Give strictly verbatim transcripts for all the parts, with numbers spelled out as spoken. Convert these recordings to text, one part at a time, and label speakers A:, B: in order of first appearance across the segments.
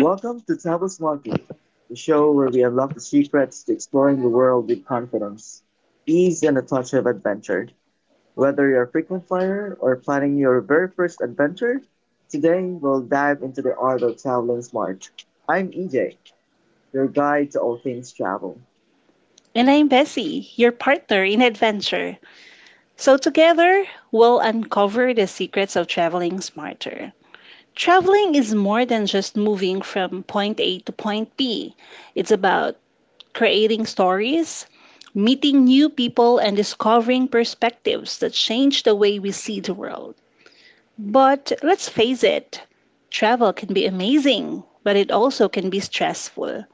A: Welcome to Tabas Market, the show where we unlock the secrets to exploring the world with confidence, ease, and a touch of adventure. Whether you're a frequent flyer or planning your very first adventure, today we'll dive into the art of traveling smart. I'm E J, your guide to all things travel,
B: And I'm Bessie, your partner in adventure. So, together, we'll uncover the secrets of traveling smarter. Traveling is more than just moving from point A to point B, it's about creating stories, meeting new people, and discovering perspectives that change the way we see the world. But let's face it, travel can be amazing, but it also can be stressful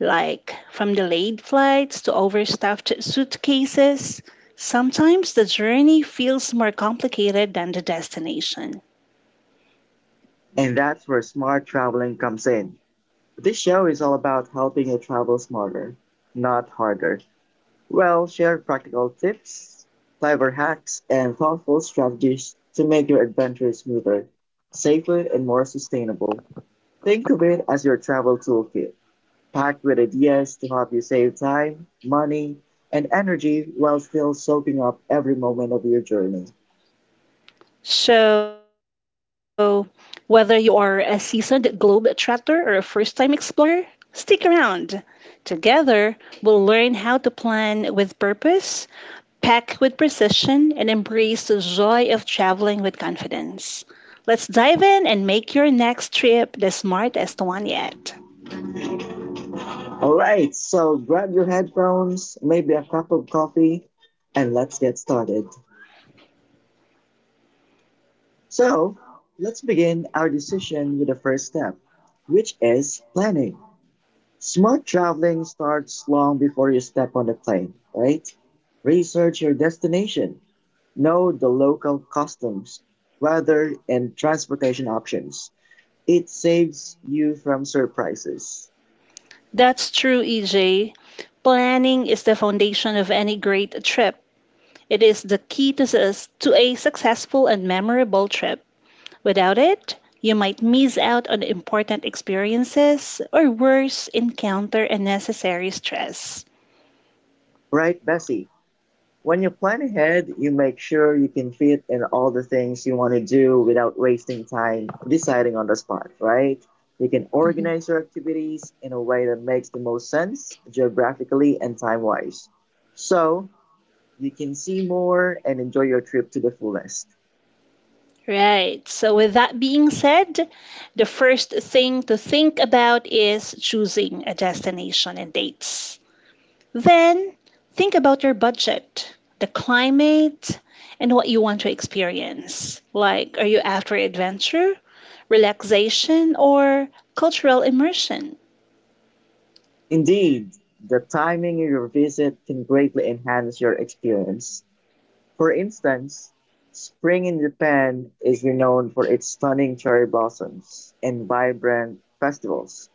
B: like from delayed flights to overstuffed suitcases. Sometimes the journey feels more complicated than the destination.
A: and that's where smart traveling comes in. This show is all about helping you travel smarter, not harder. We'll share practical tips, clever hacks, and thoughtful strategies to make your adventure smoother, safer, and more sustainable. Think of it as your travel toolkit, packed with ideas to help you save time, money, and energy while still soaking up every moment of your journey.
B: So, whether you are a seasoned globetrotter or a first time explorer, stick around. Together, we'll learn how to plan with purpose, pack with precision, and embrace the joy of traveling with confidence. Let's dive in and make your next trip the smartest one yet.
A: All right, so grab your headphones, maybe a cup of coffee, and let's get started. So let's begin our decision with the first step, which is planning. Smart traveling starts long before you step on the plane, right? Research your destination, know the local customs, weather, and transportation options. It saves you from surprises.
B: That's true, E J. Planning is the foundation of any great trip. It is the key to, sus- to a successful and memorable trip. Without it, you might miss out on important experiences or worse, encounter unnecessary stress.
A: Right, Bessie? When you plan ahead, you make sure you can fit in all the things you want to do without wasting time deciding on the spot, right? You can
B: Mhm.
A: organize your activities in a way that makes the most sense geographically and time wise. So you can see more and enjoy your trip to the fullest.
B: Right. So, with that being said, the first thing to think about is choosing a destination and dates. Then think about your budget, the climate, and what you want to experience. Like, are you after adventure, relaxation, or cultural immersion?
A: Indeed, the timing of your visit can greatly enhance your experience. For instance, spring in Japan is renowned for its stunning cherry blossoms and vibrant festivals,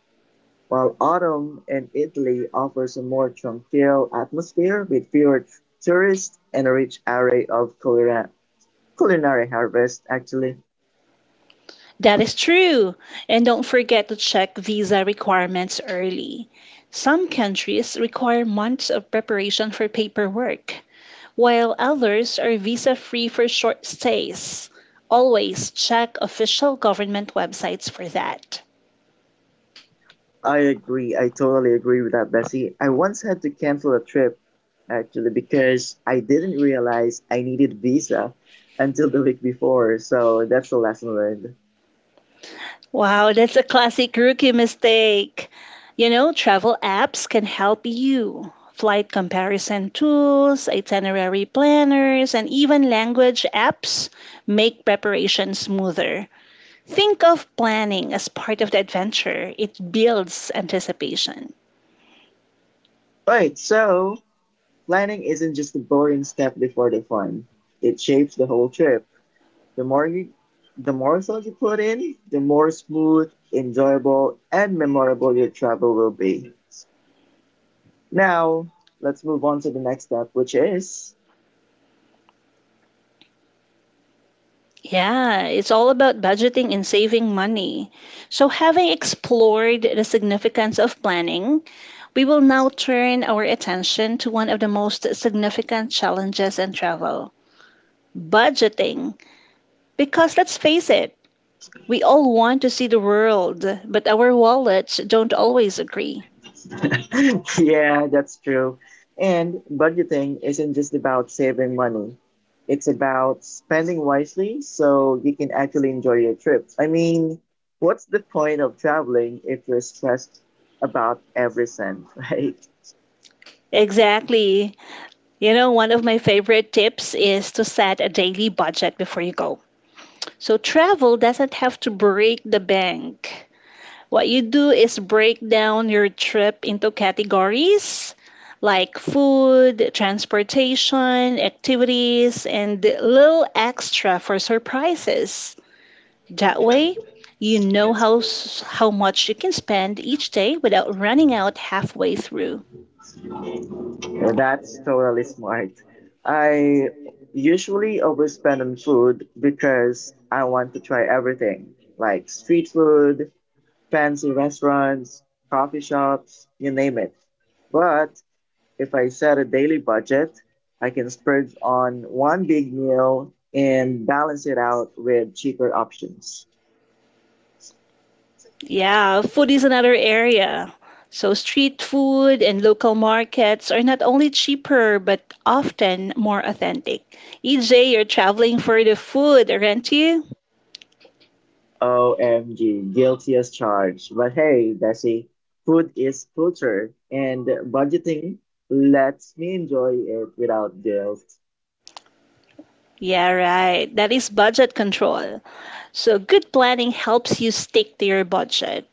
A: while autumn in Italy offers a more tranquil atmosphere with fewer t- tourists and a rich array of culinary culinary harvests actually.
B: That is true. And don't forget to check visa requirements early. Some countries require months of preparation for paperwork, while others are visa free for short stays. Always check official government websites for that.
A: I agree. I totally agree with that, Bessie. I once had to cancel a trip actually because I didn't realize I needed visa until the week before. So that's a lesson learned.
B: Wow, that's a classic rookie mistake. You know, travel apps can help you. Flight comparison tools, itinerary planners, and even language apps make preparation smoother. Think of planning as part of the adventure, it builds anticipation.
A: Right, so planning isn't just a boring step before the fun. It shapes the whole trip. The more you the more thought you put in, the more smooth, enjoyable, and memorable your travel will be. Now, let's move on to the next step, which is
B: Yeah, it's all about budgeting and saving money. So, having explored the significance of planning, we will now turn our attention to one of the most significant challenges in travel budgeting. Because let's face it, we all want to see the world, but our wallets don't always agree.
A: Yeah, that's true. And budgeting isn't just about saving money. It's about spending wisely so you can actually enjoy your trip. I mean, what's the point of traveling if you're stressed about every cent, right?
B: Exactly. You know, one of my favorite tips is to set a daily budget before you go. So travel doesn't have to break the bank. What you do is break down your trip into categories like food, transportation, activities, and little extra for surprises. That way, you know how s- how much you can spend each day without running out halfway through.
A: Yeah, that's totally smart. I usually overspend on food because I want to try everything, like street food, fancy restaurants, coffee shops, you name it. But if I set a daily budget, I can splurge on one big meal and balance it out with cheaper options.
B: Yeah, food is another area. So street food and local markets are not only cheaper but often more authentic. E J, you're traveling for the food, aren't you?
A: O M G, guilty as charged. But hey, Desi, food is culture, and budgeting lets me enjoy it without guilt.
B: Yeah, right. That is budget control. So, good planning helps you stick to your budget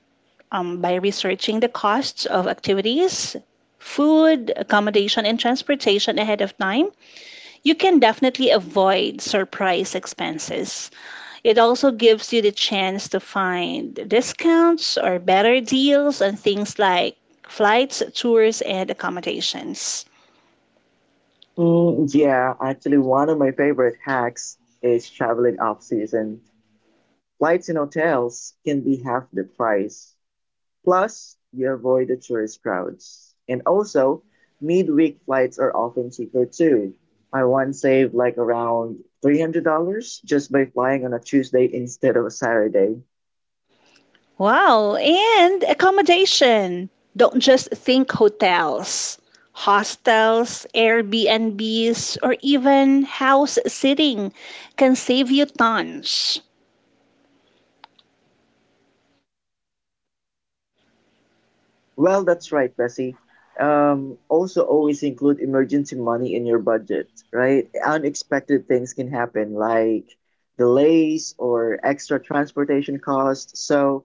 B: um, by researching the costs of activities, food, accommodation, and transportation ahead of time. You can definitely avoid surprise expenses. It also gives you the chance to find discounts or better deals on things like flights, tours, and accommodations.
A: Mm, yeah, actually, one of my favorite hacks is traveling off season. Flights and hotels can be half the price. Plus, you avoid the tourist crowds. And also, midweek flights are often cheaper too. I once saved like around three hundred dollars just by flying on a Tuesday instead of a Saturday.
B: Wow, and accommodation. Don't just think hotels, hostels, Airbnbs, or even house sitting can save you tons.
A: Well, that's right, Bessie. Um, also, always include emergency money in your budget, right? Unexpected things can happen like delays or extra transportation costs. So,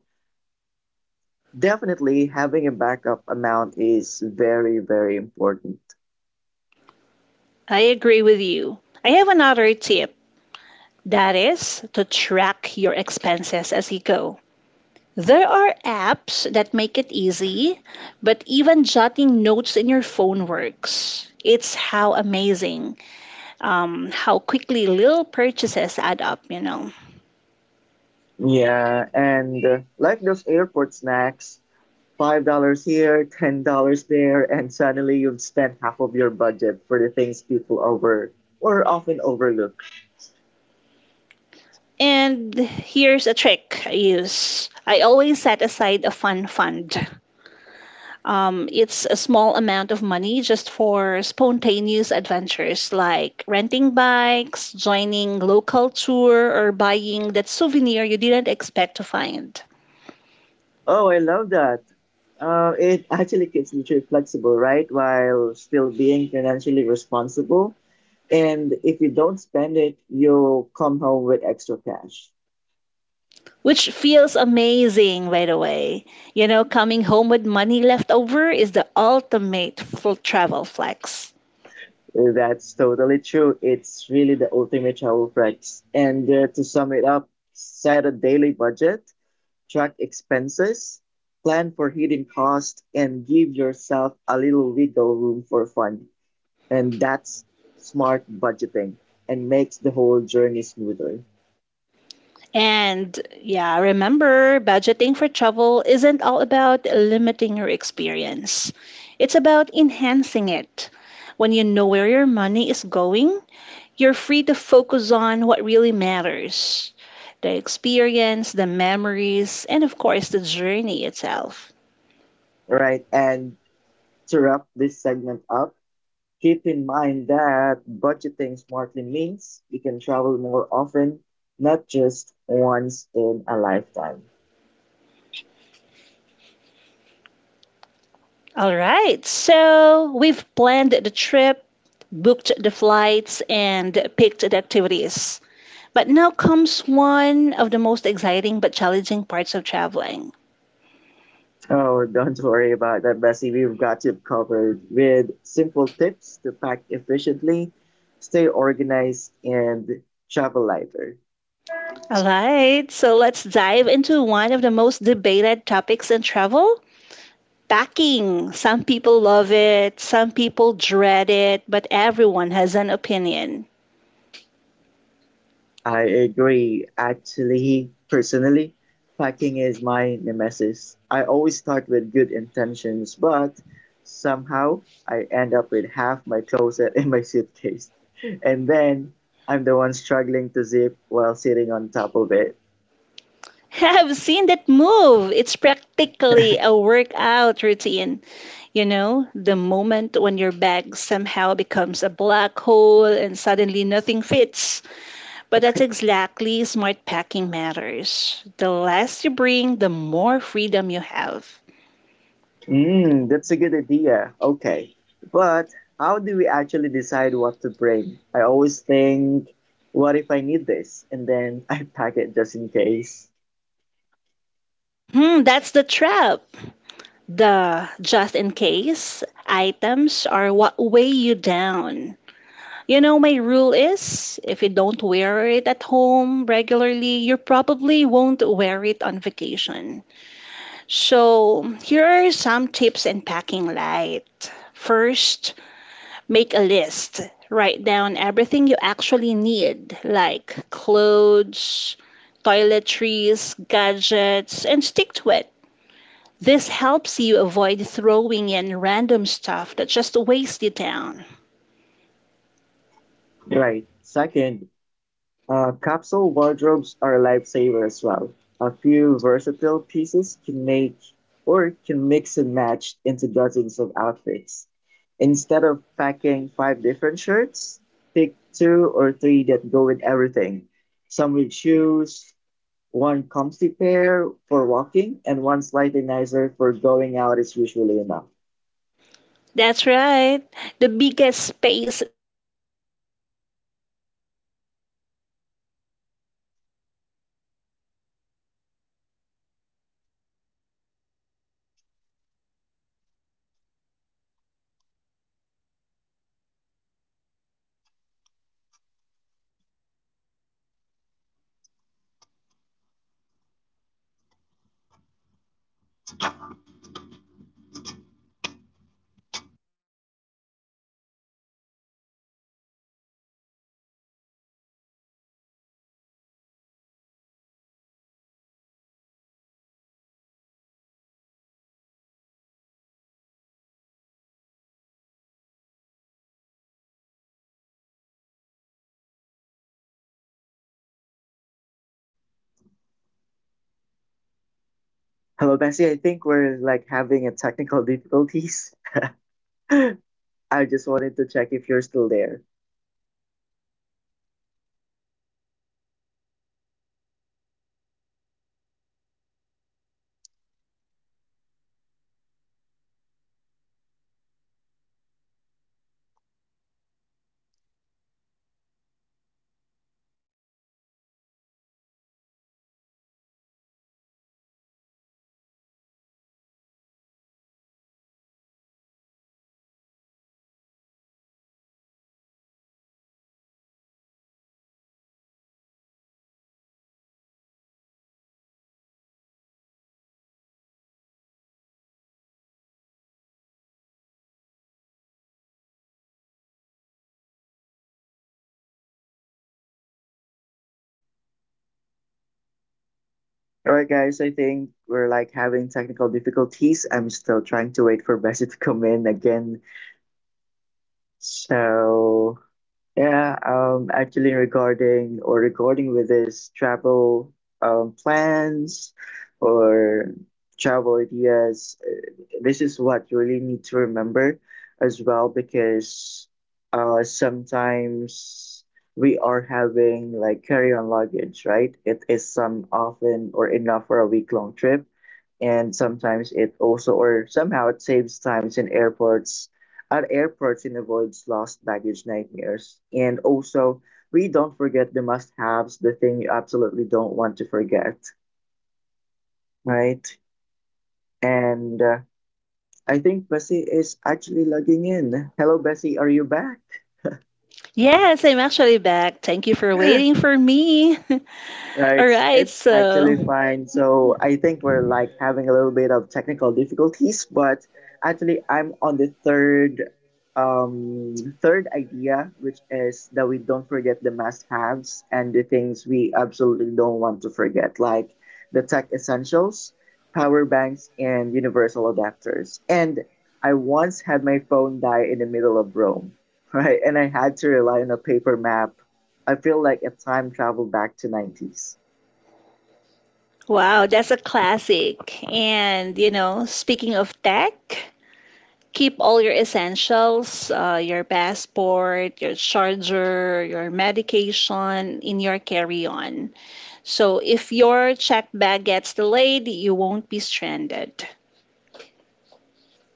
A: definitely having a backup amount is very, very important.
B: I agree with you. I have another tip that is to track your expenses as you go. There are apps that make it easy, but even jotting notes in your phone works. It's how amazing, um, how quickly little purchases add up, you know.
A: Yeah, and uh, like those airport snacks, five dollars here, ten dollars there, and suddenly you've spent half of your budget for the things people over or often overlook.
B: And here's a trick I use. I always set aside a fun fund. Um, it's a small amount of money just for spontaneous adventures like renting bikes, joining local tour, or buying that souvenir you didn't expect to find.
A: Oh, I love that. Uh, it actually keeps the trip flexible, right? While still being financially responsible. And if you don't spend it, you'll come home with extra cash.
B: Which feels amazing, by the way. You know, coming home with money left over is the ultimate full travel flex.
A: That's totally true. It's really the ultimate travel flex. And uh, to sum it up, set a daily budget, track expenses, plan for hidden costs, and give yourself a little wiggle room for fun. And that's smart budgeting and makes the whole journey smoother.
B: And yeah, remember, budgeting for travel isn't all about limiting your experience. It's about enhancing it. When you know where your money is going, you're free to focus on what really matters, the experience, the memories, and of course, the journey itself.
A: Right. And to wrap this segment up, keep in mind that budgeting smartly means you can travel more often, not just once in a lifetime.
B: All right, so we've planned the trip, booked the flights, and picked the activities. But now comes one of the most exciting but challenging parts of traveling.
A: Oh, don't worry about that, Bessie. We've got you covered with simple tips to pack efficiently, stay organized, and travel lighter.
B: All right, so let's dive into one of the most debated topics in travel packing. Some people love it, some people dread it, but everyone has an opinion.
A: I agree. Actually, personally, packing is my nemesis. I always start with good intentions, but somehow I end up with half my closet in my suitcase. And then I'm the one struggling to zip while sitting on top of it.
B: I've seen that move. It's practically a workout routine. You know, the moment when your bag somehow becomes a black hole and suddenly nothing fits. But that's exactly smart packing matters. The less you bring, the more freedom you have.
A: Mm, that's a good idea. Okay. But how do we actually decide what to bring? I always think, what if I need this? And then I pack it just in case.
B: Hmm, that's the trap. The just in case items are what weigh you down. You know, my rule is if you don't wear it at home regularly, you probably won't wear it on vacation. So, here are some tips in packing light. First, make a list. Write down everything you actually need, like clothes, toiletries, gadgets, and stick to it. This helps you avoid throwing in random stuff that just wastes you down.
A: Right. Second, uh, capsule wardrobes are a lifesaver as well. A few versatile pieces can make or can mix and match into dozens of outfits. Instead of packing five different shirts, pick two or three that go with everything. Some with shoes, one comfy pair for walking and one slightly nicer for going out is usually enough.
B: That's right. The biggest space stealer is in any bags or actually the clothes. So we have to keep in mind to pack outfits, not items. Um, so you can actually roll clothes instead of folding them in the luggage. It saves space and helps prevent wrinkles.
A: Hello, Bessie. I think we're like having a technical difficulties. I just wanted to check if you're still there. All right, guys. I think we're like having technical difficulties. I'm still trying to wait for Bessie to come in again. So Yeah, um, actually regarding or regarding with this travel um, plans or travel ideas, uh, this is what you really need to remember as well because uh, sometimes we are having like carry-on luggage, right? It is some often or enough for a week-long trip, and sometimes it also or somehow it saves times in airports at airports, it avoids lost baggage nightmares. And also, we don't forget the must haves, the thing you absolutely don't want to forget, right? And uh, I think Bessie is actually logging in. Hello, Bessie, are you back?
B: Yes, I'm actually back. Thank you for waiting for me.
A: Uh,
B: All
A: it's
B: right,
A: it's actually
B: so
A: fine. So I think we're like having a little bit of technical difficulties, but actually I'm on the third um third idea, which is that we don't forget the must-haves and the things we absolutely don't want to forget, like the tech essentials, power banks, and universal adapters. And I once had my phone die in the middle of Rome, right? And I had to rely on a paper map. I feel like a time travel back to nineties.
B: wow, that's a classic. And you know, speaking of tech, keep all your essentials, uh, your passport, your charger, your medication in your carry-on. So if your checked bag gets delayed, you won't be stranded.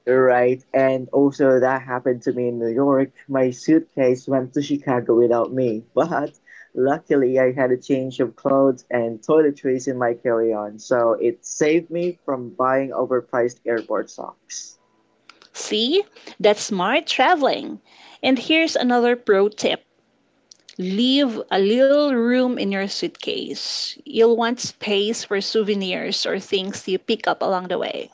A: Right, and also that happened to me in New York. My suitcase went to Chicago without me, but luckily I had a change of clothes and toiletries in my carry on, so it saved me from buying overpriced airport socks.
B: See? That's smart traveling. And here's another pro tip. Leave a little room in your suitcase. You'll want space for souvenirs or things you pick up along the way.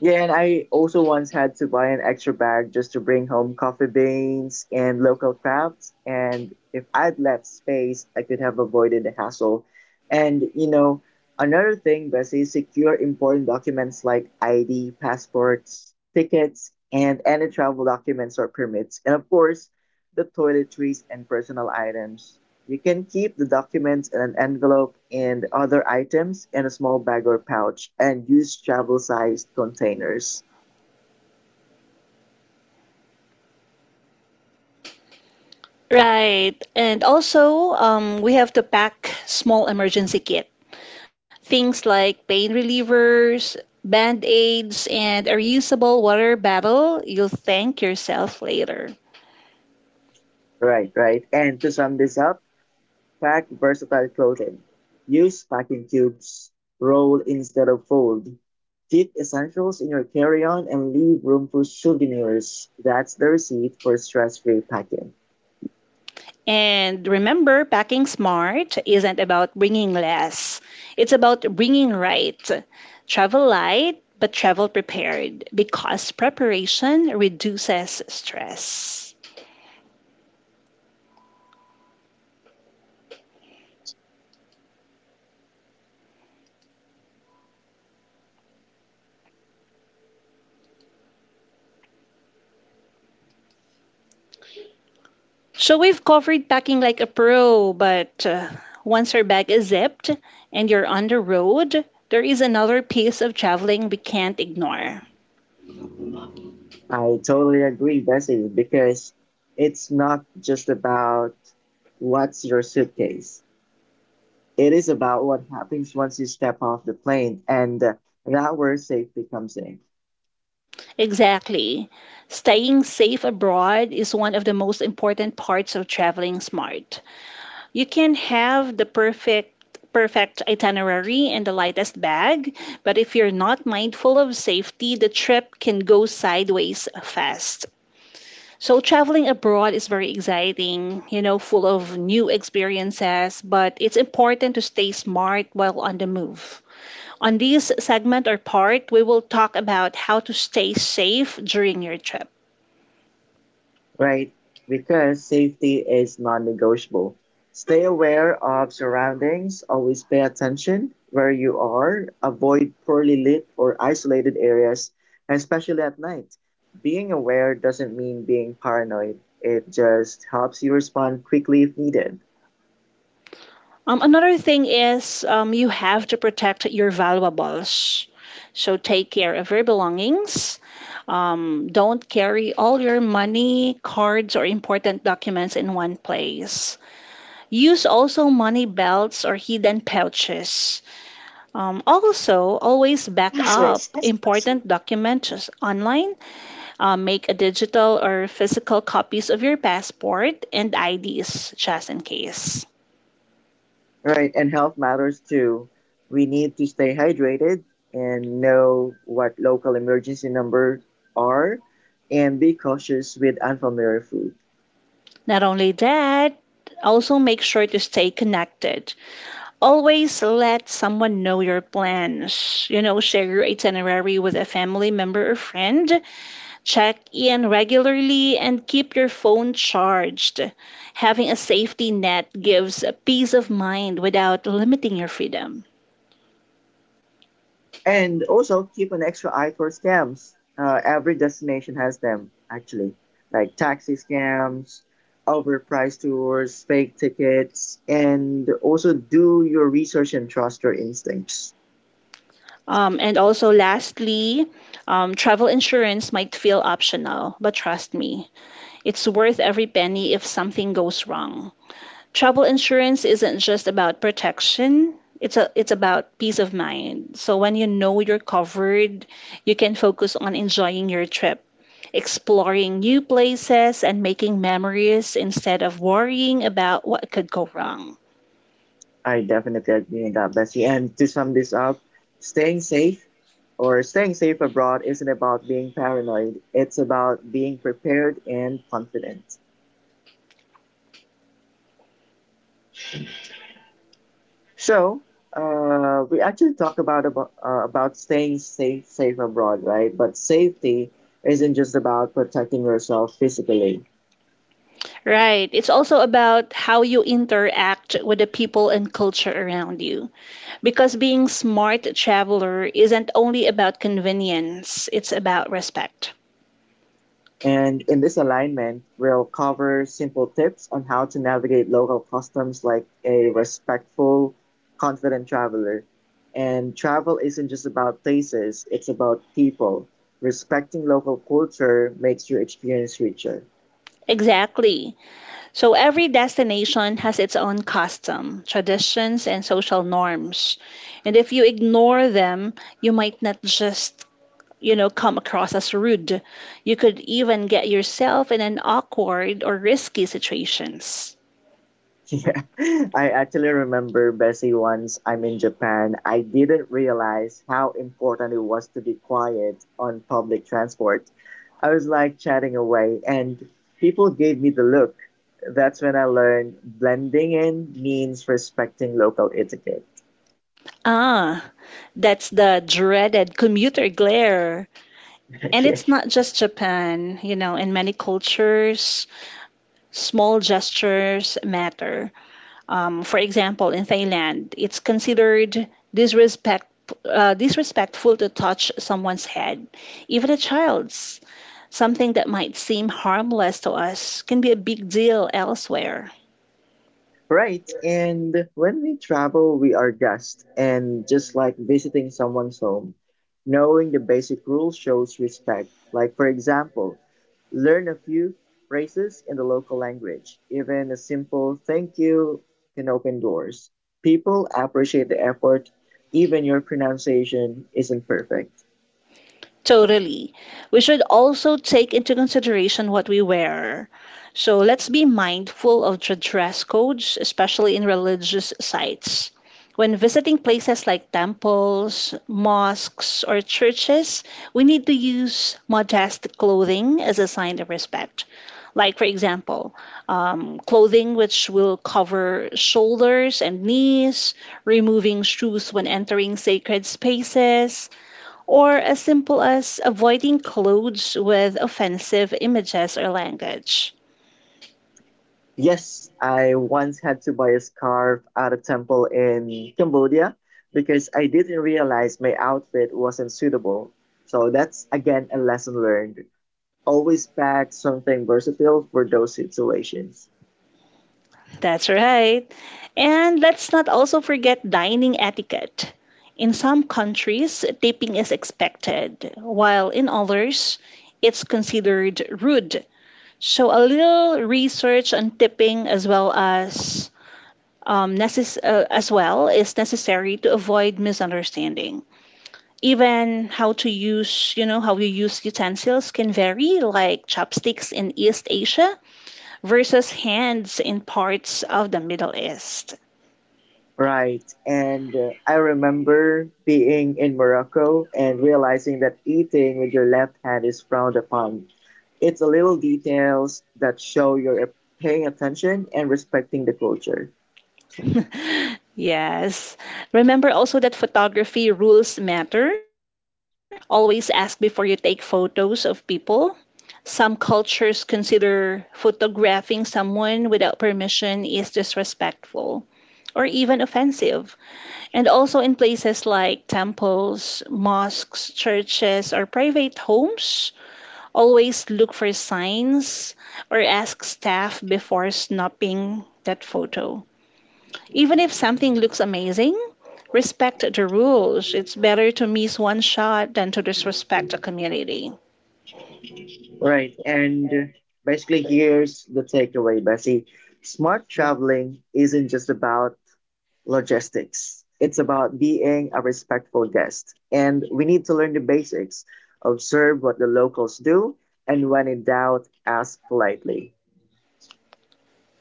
A: Yeah, and I also once had to buy an extra bag just to bring home coffee beans and local crafts. And if I'd left space, I could have avoided the hassle. And you know, another thing, Bessie, secure important documents like I D, passports, tickets, and any travel documents or permits. And of course, the toiletries and personal items. You can keep the documents in an envelope and other items in a small bag or pouch and use travel sized containers.
B: Right. And also, um, we have to pack small emergency kit. Things like pain relievers, band aids, and a reusable water bottle. You'll thank yourself later.
A: Right, right. And to sum this up, pack versatile clothing. Use packing cubes. Roll instead of fold. Keep essentials in your carry on and leave room for souvenirs. That's the receipt for stress free packing.
B: And remember, packing smart isn't about bringing less, it's about bringing right. Travel light, but travel prepared because preparation reduces stress. So we've covered packing like a pro, but uh, once your bag is zipped and you're on the road, there is another piece of traveling we can't ignore.
A: I totally agree, Bessie, because it's not just about what's your suitcase. It is about what happens once you step off the plane, and uh, that where safety comes in,
B: Exactly. Staying safe abroad is one of the most important parts of traveling smart. You can have the perfect perfect itinerary and the lightest bag, but if you're not mindful of safety, the trip can go sideways fast. So traveling abroad is very exciting, you know, full of new experiences, but it's important to stay smart while on the move. On this segment or part, we will talk about how to stay safe during your trip.
A: right? Because safety is non-negotiable. Stay aware of surroundings. Always pay attention where you are. Avoid poorly lit or isolated areas, especially at night. Being aware doesn't mean being paranoid. It just helps you respond quickly if needed.
B: Um, another thing is, um, you have to protect your valuables. So take care of your belongings. Um, don't carry all your money, cards, or important documents in one place. Use also money belts or hidden pouches. Um, also, always back up important documents online. Uh, make a digital or physical copies of your passport and I Ds just in case.
A: Right, and health matters too. We need to stay hydrated and know what local emergency number are and be cautious with unfamiliar food.
B: Not only that, also make sure to stay connected. Always let someone know your plans. You know, share your itinerary with a family member or friend. Check in regularly and keep your phone charged. Having a safety net gives a peace of mind without limiting your freedom.
A: And also keep an extra eye for scams. Uh, every destination has them, actually, like taxi scams, overpriced tours, fake tickets, and also do your research and trust your instincts.
B: Um, and also, lastly, um, travel insurance might feel optional, but trust me, it's worth every penny if something goes wrong. Travel insurance isn't just about protection, it's a, it's about peace of mind, so when you know you're covered you can focus on enjoying your trip, exploring new places and making memories instead of worrying about what could go wrong.
A: I definitely agree on that, Bessie. And to sum this up, staying safe or staying safe abroad isn't about being paranoid. It's about being prepared and confident. So, uh, we actually talk about about, uh, about staying safe safe abroad, right? But safety isn't just about protecting yourself physically.
B: Right, it's also about how you interact with the people and culture around you, because being smart traveler isn't only about convenience, it's about respect.
A: And in this alignment, we'll cover simple tips on how to navigate local customs like a respectful, confident traveler. And travel isn't just about places, it's about people. Respecting local culture makes your experience richer.
B: Exactly. So every destination has its own custom, traditions, and social norms. And if you ignore them, you might not just, you know, come across as rude. You could even get yourself in an awkward or risky situations.
A: Yeah, I actually remember Bessie once I'm in Japan. I didn't realize how important it was to be quiet on public transport. I was like chatting away, and people gave me the look. That's when I learned blending in means respecting local etiquette.
B: Ah, that's the dreaded commuter glare. And it's not just Japan, you know, in many cultures, small gestures matter. Um, for example, in Thailand, it's considered disrespect, uh, disrespectful to touch someone's head, even a child's. Something that might seem harmless to us can be a big deal elsewhere.
A: Right. And when we travel, we are guests. And just like visiting someone's home, knowing the basic rules shows respect. Like, for example, learn a few phrases in the local language. Even a simple thank you can open doors. People appreciate the effort, even your pronunciation isn't perfect.
B: Totally. We should also take into consideration what we wear. So let's be mindful of the dress codes, especially in religious sites. When visiting places like temples, mosques, or churches, we need to use modest clothing as a sign of respect. Like, for example, um, clothing which will cover shoulders and knees, removing shoes when entering sacred spaces, or as simple as avoiding clothes with offensive images or language.
A: Yes, I once had to buy a scarf at a temple in Cambodia because I didn't realize my outfit wasn't suitable. So that's again a lesson learned. Always pack something versatile for those situations.
B: That's right. And let's not also forget dining etiquette. In some countries, tipping is expected, while in others, it's considered rude. So a little research on tipping as well as, um, necess- uh, as well is necessary to avoid misunderstanding. Even how to use you know how you use utensils can vary, like chopsticks in East Asia versus hands in parts of the Middle East.
A: Right. And uh, I remember being in Morocco and realizing that eating with your left hand is frowned upon. It's the little details that show you're paying attention and respecting the culture.
B: Yes, remember also that photography rules matter. Always ask before you take photos of people. Some cultures consider photographing someone without permission is disrespectful or even offensive. And also in places like temples, mosques, churches, or private homes, always look for signs or ask staff before snapping that photo. Even if something looks amazing, respect the rules. It's better to miss one shot than to disrespect a community.
A: Right, and basically, here's the takeaway, Bessie. Smart traveling isn't just about logistics, it's about being a respectful guest. And we need to learn the basics, observe what the locals do, and when in doubt, ask politely.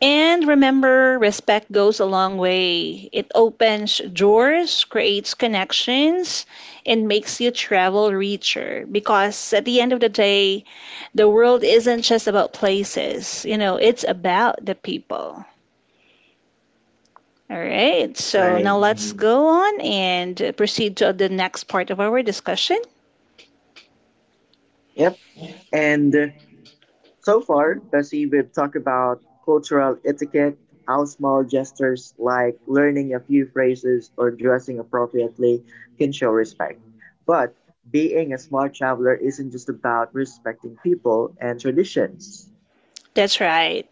B: And remember, respect goes a long way. It opens doors, creates connections, and makes you travel richer. Because at the end of the day, the world isn't just about places, you know, it's about the people. All right, so now
A: Right,
B: let's hmm go on and proceed to the next part of our discussion.
A: yep. And so far, Bessie, we've talked about cultural etiquette, how small gestures like learning a few phrases or dressing appropriately can show respect. But being a smart traveler isn't just about respecting people and traditions.
B: That's right.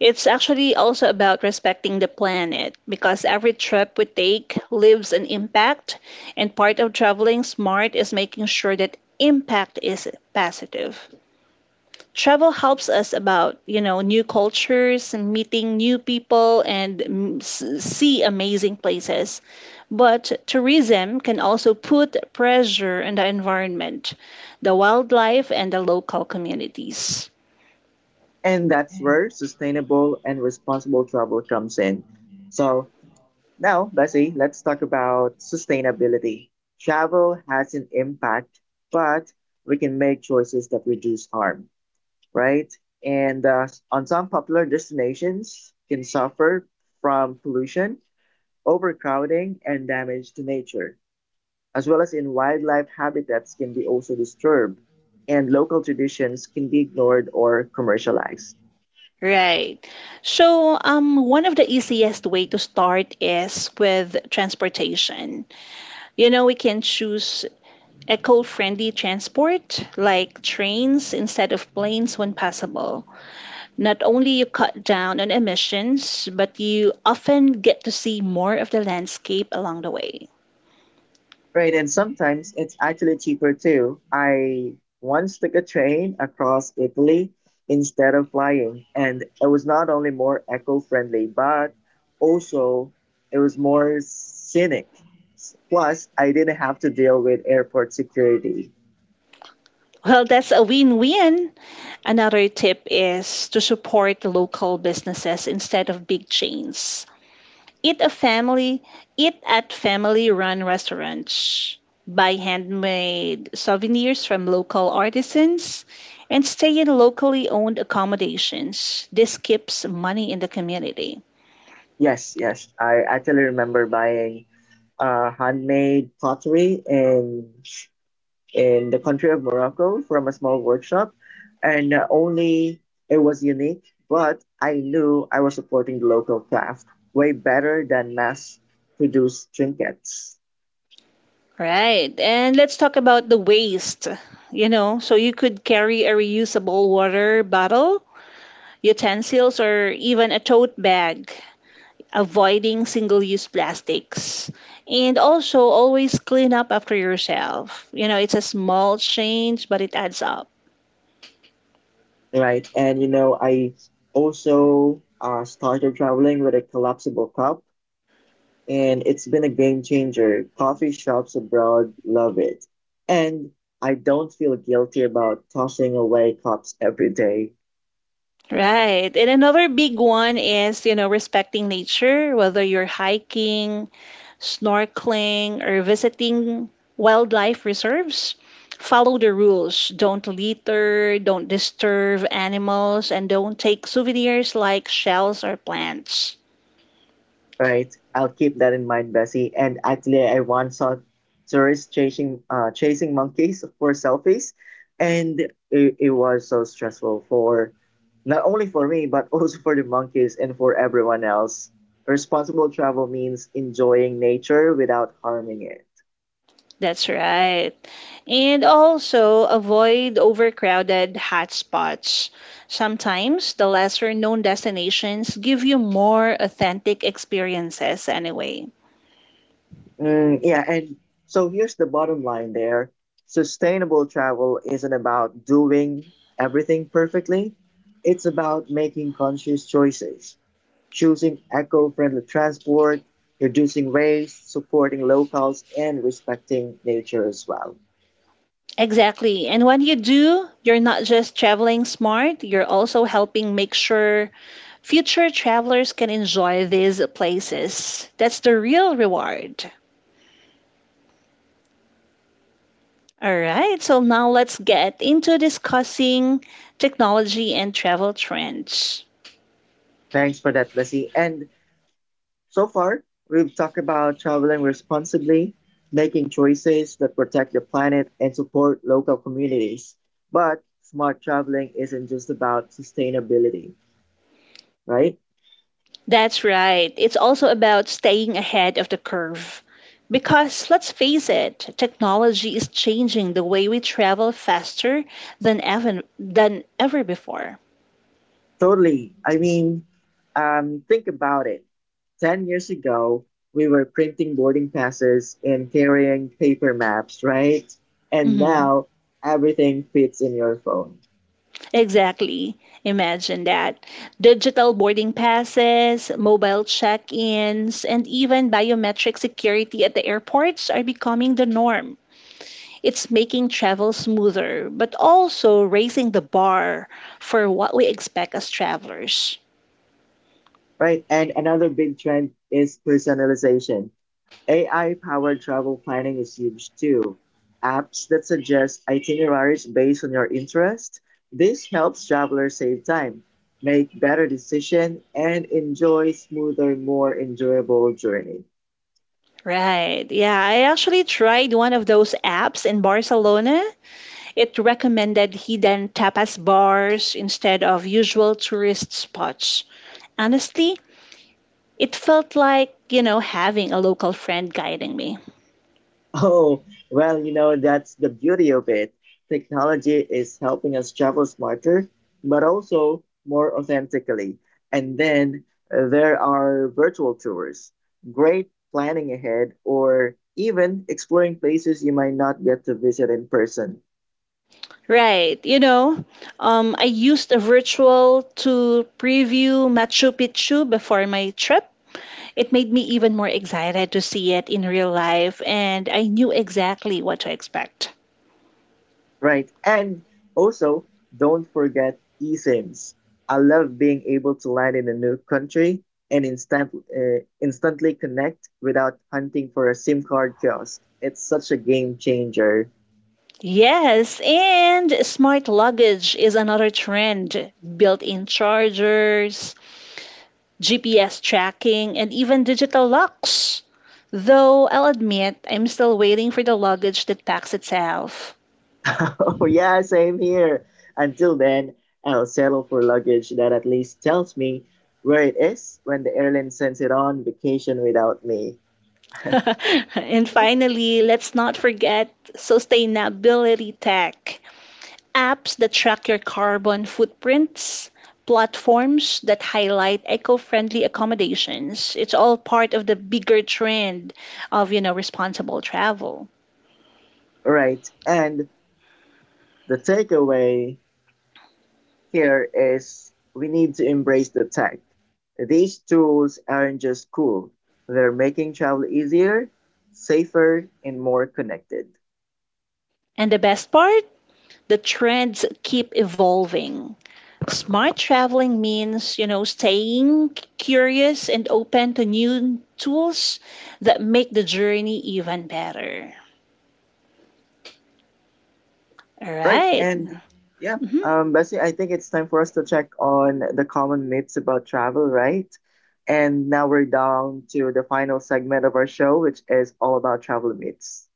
B: It's actually also about respecting the planet, because every trip we take leaves an impact, and part of traveling smart is making sure that impact is positive. Travel helps us about, you know, new cultures, meeting new people and mm, s- see amazing places. But tourism can also put pressure on the environment, the wildlife and the local communities.
A: And that's where sustainable and responsible travel comes in. So now, Bessie, let's talk about sustainability. Travel has an impact, but we can make choices that reduce harm, right? And uh, on some popular destinations can suffer from pollution, overcrowding, and damage to nature, as well as in wildlife habitats can be also disturbed, and local traditions can be ignored or commercialized.
B: Right. So, um, one of the easiest way to start is with transportation. You know, we can choose eco-friendly transport like trains instead of planes when possible. Not only you cut down on emissions, but you often get to see more of the landscape along the way.
A: Right, and sometimes it's actually cheaper too. I once took a train across Italy instead of flying, and it was not only more eco-friendly, but also it was more scenic. S- Plus, I didn't have to deal with airport security.
B: Well, that's a win-win. Another tip is to support local businesses instead of big chains. Eat a family, eat at family-run restaurants, buy handmade souvenirs from local artisans, and stay in locally owned accommodations. This keeps money in the community.
A: Yes, yes, I actually remember buying uh, handmade pottery in in the country of Morocco from a small workshop, and uh, only it was unique, but I knew I was supporting the local craft way better than mass produced trinkets,
B: Right. And let's talk about the waste. You know, so you could carry a reusable water bottle, utensils, or even a tote bag, avoiding single use plastics, and also always clean up after yourself. You know, it's a small change, but it adds up.
A: right? And you know, I also uh, started traveling with a collapsible cup, and it's been a game changer. Coffee shops abroad love it, and I don't feel guilty about tossing away cups every day.
B: Right. And another big one is, you know, respecting nature, whether you're hiking, snorkeling, or visiting wildlife reserves. Follow the rules. Don't litter, don't disturb animals, and don't take souvenirs like shells or plants.
A: Right. I'll keep that in mind, Bessie. And actually, I once saw tourists chasing uh, chasing monkeys for selfies, and it, it was so stressful for not only for me but also for the monkeys and for everyone else. Responsible travel means enjoying nature without harming it.
B: That's right. And also avoid overcrowded hotspots. Sometimes the lesser known destinations give you more authentic experiences anyway.
A: Mm, yeah, and so here's the bottom line there. Sustainable travel isn't about doing everything perfectly. It's about making conscious choices, choosing eco-friendly transport, reducing waste, supporting locals, and respecting nature as well.
B: Exactly. And when you do, you're not just traveling smart, you're also helping make sure future travelers can enjoy these places. That's the real reward. All right, so now let's get into discussing technology and travel trends.
A: Thanks for that, Bessie. And so far, we've talked about traveling responsibly, making choices that protect the planet and support local communities. But smart traveling isn't just about sustainability, right?
B: That's right. It's also about staying ahead of the curve. Because let's face it, technology is changing the way we travel faster than ever than ever before.
A: Totally. I mean, um, think about it. ten years ago, we were printing boarding passes and carrying paper maps, right? And
B: Mhm.
A: now everything fits in your phone,
B: Exactly. Imagine that. Digital boarding passes, mobile check-ins, and even biometric security at the airports are becoming the norm. It's making travel smoother, but also raising the bar for what we expect as travelers.
A: right? And another big trend is personalization. A I powered travel planning is huge too. Apps that suggest itineraries based on your interest. This helps travelers save time, make better decisions, and enjoy smoother, more enjoyable journey.
B: Right. Yeah, I actually tried one of those apps in Barcelona. It recommended hidden tapas bars instead of usual tourist spots. Honestly, it felt like, you know, having a local friend guiding me.
A: Oh, well, you know, that's the beauty of it. Technology is helping us travel smarter, but also more authentically. And then uh, there are virtual tours, great planning ahead, or even exploring places you might not get to visit in person.
B: Right. You know, um, I used a virtual to preview Machu Picchu before my trip. It made me even more excited to see it in real life, and I knew exactly what to expect.
A: Right. And also, don't forget eSIMs. I love being able to land in a new country and instant, uh, instantly connect without hunting for a SIM card kiosk. It's such a game changer.
B: Yes, and smart luggage is another trend. Built in chargers, G P S tracking, and even digital locks. Though I'll admit, I'm still waiting for the luggage that packs itself.
A: Oh, yeah, same here. Until then, I'll settle for luggage that at least tells me where it is when the airline sends it on vacation without me.
B: And finally, let's not forget sustainability tech. Apps that track your carbon footprints, platforms that highlight eco-friendly accommodations. It's all part of the bigger trend of, you know, responsible travel.
A: Right. And the takeaway here is we need to embrace the tech. These tools aren't just cool, they're making travel easier, safer, and more connected.
B: And the best part, the trends keep evolving. Smart traveling means, you know, staying curious and open to new tools that make the journey even better. All
A: Right.
B: right.
A: And yeah,
B: Mm-hmm.
A: um, Bessie, I think it's time for us to check on the common myths about travel, right? And now we're down to the final segment of our show, which is all about travel myths.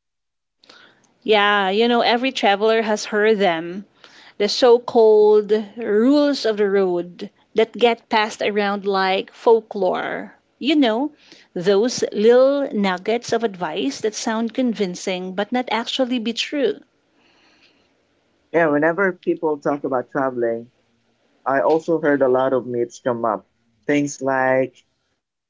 B: Yeah, you know, every traveler has heard them. The so called rules of the road that get passed around like folklore. You know, those little nuggets of advice that sound convincing but not actually be true.
A: Yeah, whenever people talk about traveling, I also heard a lot of myths come up. Things like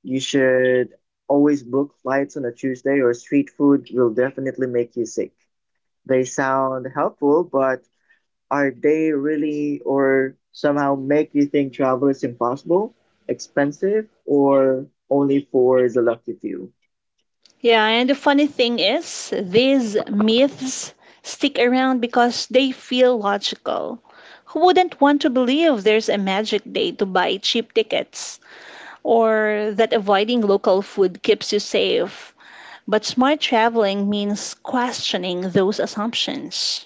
A: you should always book flights on a Tuesday or street food will definitely make you sick. They sound helpful, but are they really or somehow make you think travel is impossible, expensive, or only for the lucky few?
B: Yeah, and the funny thing is, these myths stick around because they feel logical. Who wouldn't want to believe there's a magic day to buy cheap tickets? Or that avoiding local food keeps you safe. But smart traveling means questioning those assumptions.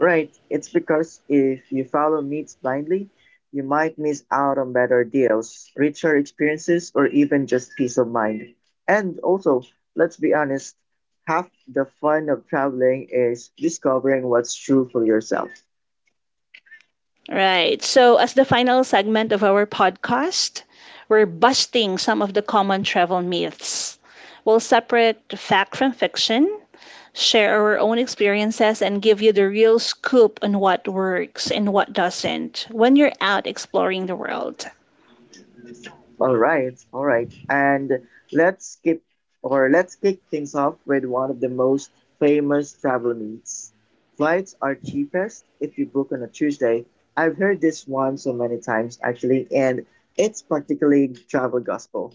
A: Right, it's because if you follow needs blindly, you might miss out on better deals, richer experiences, or even just peace of mind. And also, let's be honest, half the fun of traveling is discovering what's true for yourself.
B: Right. So, as the final segment of our podcast, we're busting some of the common travel myths. We'll separate fact from fiction, share our own experiences, and give you the real scoop on what works and what doesn't when you're out exploring the world.
A: All right, all right. And let's skip or let's kick things off with one of the most famous travel myths. Flights are cheapest if you book on a Tuesday. I've heard this one so many times actually, and it's practically travel gospel.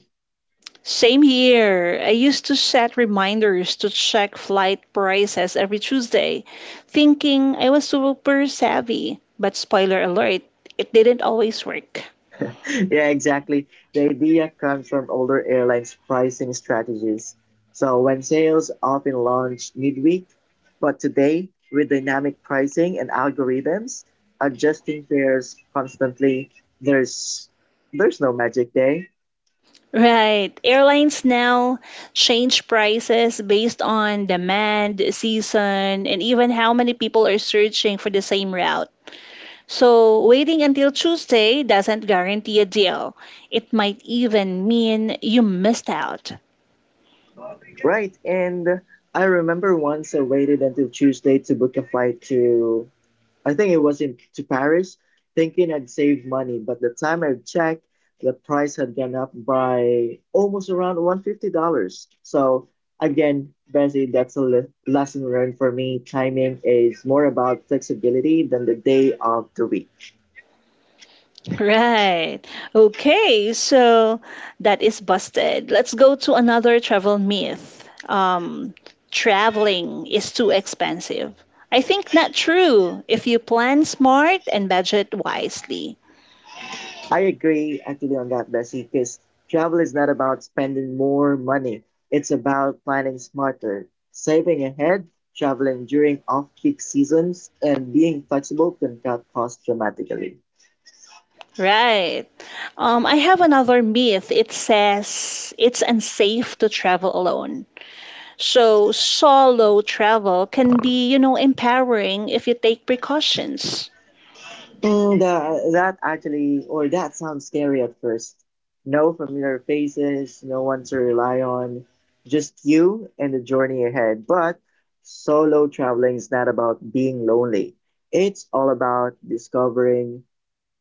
B: Same here. I used to set reminders to check flight prices every Tuesday, thinking I was super savvy. But spoiler alert, it didn't always work.
A: Yeah, exactly. The idea comes from older airlines' pricing strategies. So when sales often launch midweek, but today, with dynamic pricing and algorithms adjusting fares constantly, there's there's no magic day.
B: Right. Airlines now change prices based on demand, season, and even how many people are searching for the same route. So, waiting until Tuesday doesn't guarantee a deal. It might even mean you missed out.
A: Right. And I remember once I waited until Tuesday to book a flight to, I think it was in to Paris, thinking I'd save money. But the time I checked, the price had gone up by almost around one hundred fifty dollars. So again, Bessie, that's a le- lesson learned for me. Timing is more about flexibility than the day of the week.
B: Right. Okay, so that is busted. Let's go to another travel myth. Um, traveling is too expensive. I think not true if you plan smart and budget wisely.
A: I agree actually on that, Bessie, because travel is not about spending more money. It's about planning smarter, saving ahead, traveling during off peak seasons, and being flexible can cut costs dramatically.
B: Right. Um, I have another myth. It says it's unsafe to travel alone. So solo travel can be, you know, empowering if you take precautions.
A: Mm, the, that actually, or that sounds scary at first. No familiar faces, no one to rely on, just you and the journey ahead. But solo traveling is not about being lonely. It's all about discovering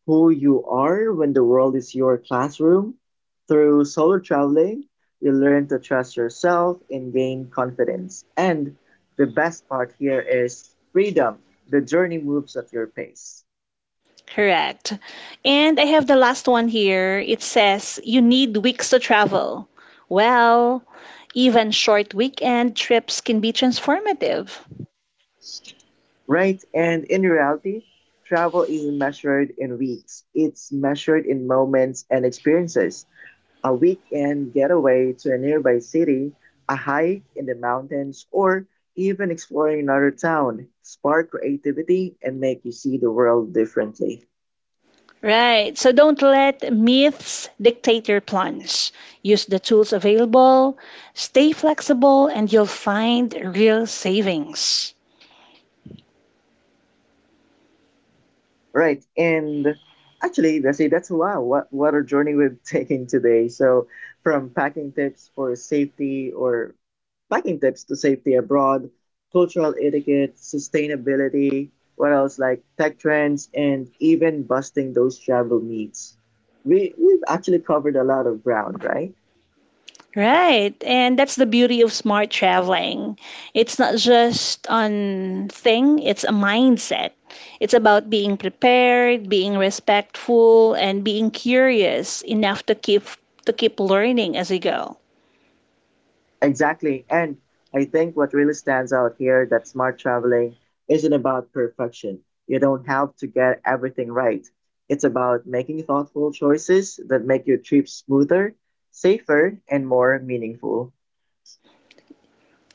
A: who you are when the world is your classroom. Through solo traveling, you learn to trust yourself and gain confidence. And the best part here is freedom. The journey moves at your pace.
B: Correct. And I have the last one here. It says you need weeks to travel. Well, even short weekend trips can be transformative.
A: Right? And in reality, travel isn't measured in weeks, it's measured in moments and experiences. A weekend getaway to a nearby city, a hike in the mountains, or even exploring another town spark creativity and make you see the world differently.
B: Right. So don't let myths dictate your plans. Use the tools available, stay flexible, and you'll find real savings.
A: Right. And actually, that's it. That's wow. What, what a journey we've taken today. So, from packing tips for safety or packing tips to safety abroad, cultural etiquette, sustainability, what else like tech trends, and even busting those travel myths. We, we've actually covered a lot of ground, right?
B: Right. And that's the beauty of smart traveling. It's not just on thing, it's a mindset. It's about being prepared, being respectful, and being curious enough to keep to keep learning as you go.
A: Exactly. And I think what really stands out here that smart traveling isn't about perfection. You don't have to get everything right. It's about making thoughtful choices that make your trip smoother, safer, and more meaningful.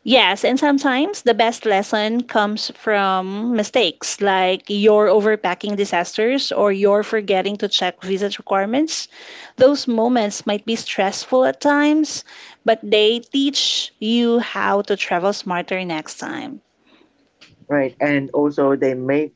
B: Yes, and sometimes the best lesson comes from mistakes like your overpacking disasters or your forgetting to check visa requirements. Those moments might be stressful at times, but they teach you how to travel smarter next time.
A: Right. And also they make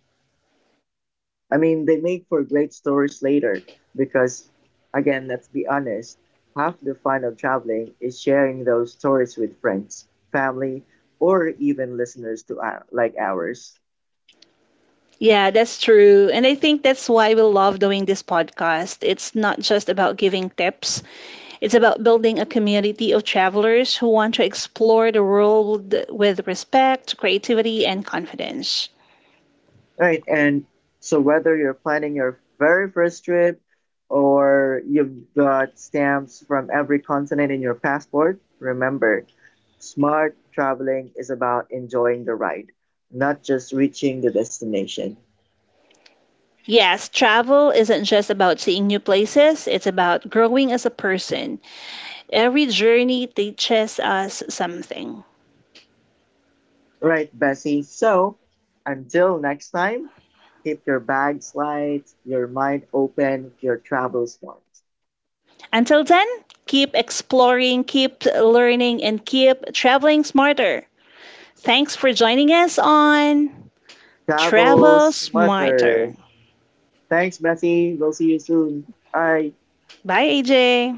A: I mean they make for great stories later because again, let's be honest, half the fun of traveling is sharing those stories with friends, family, or even listeners to our, like ours.
B: Yeah, that's true. And I think that's why we love doing this podcast. It's not just about giving tips, it's about building a community of travelers who want to explore the world with respect, creativity, and confidence.
A: Right, and so whether you're planning your very first trip or you've got stamps from every continent in your passport, remember, smart traveling is about enjoying the ride, not just reaching the destination.
B: Yes, travel isn't just about seeing new places, it's about growing as a person. Every journey teaches us something.
A: Right, Bessie. So until next time, keep your bags light, your mind open, your travel smart.
B: Until then, keep exploring, keep learning, and keep traveling smarter. Thanks for joining us on
A: Travel
B: Travel Smarter.
A: smarter. Thanks, Bessie. We'll see you soon. Bye.
B: Bye, A J.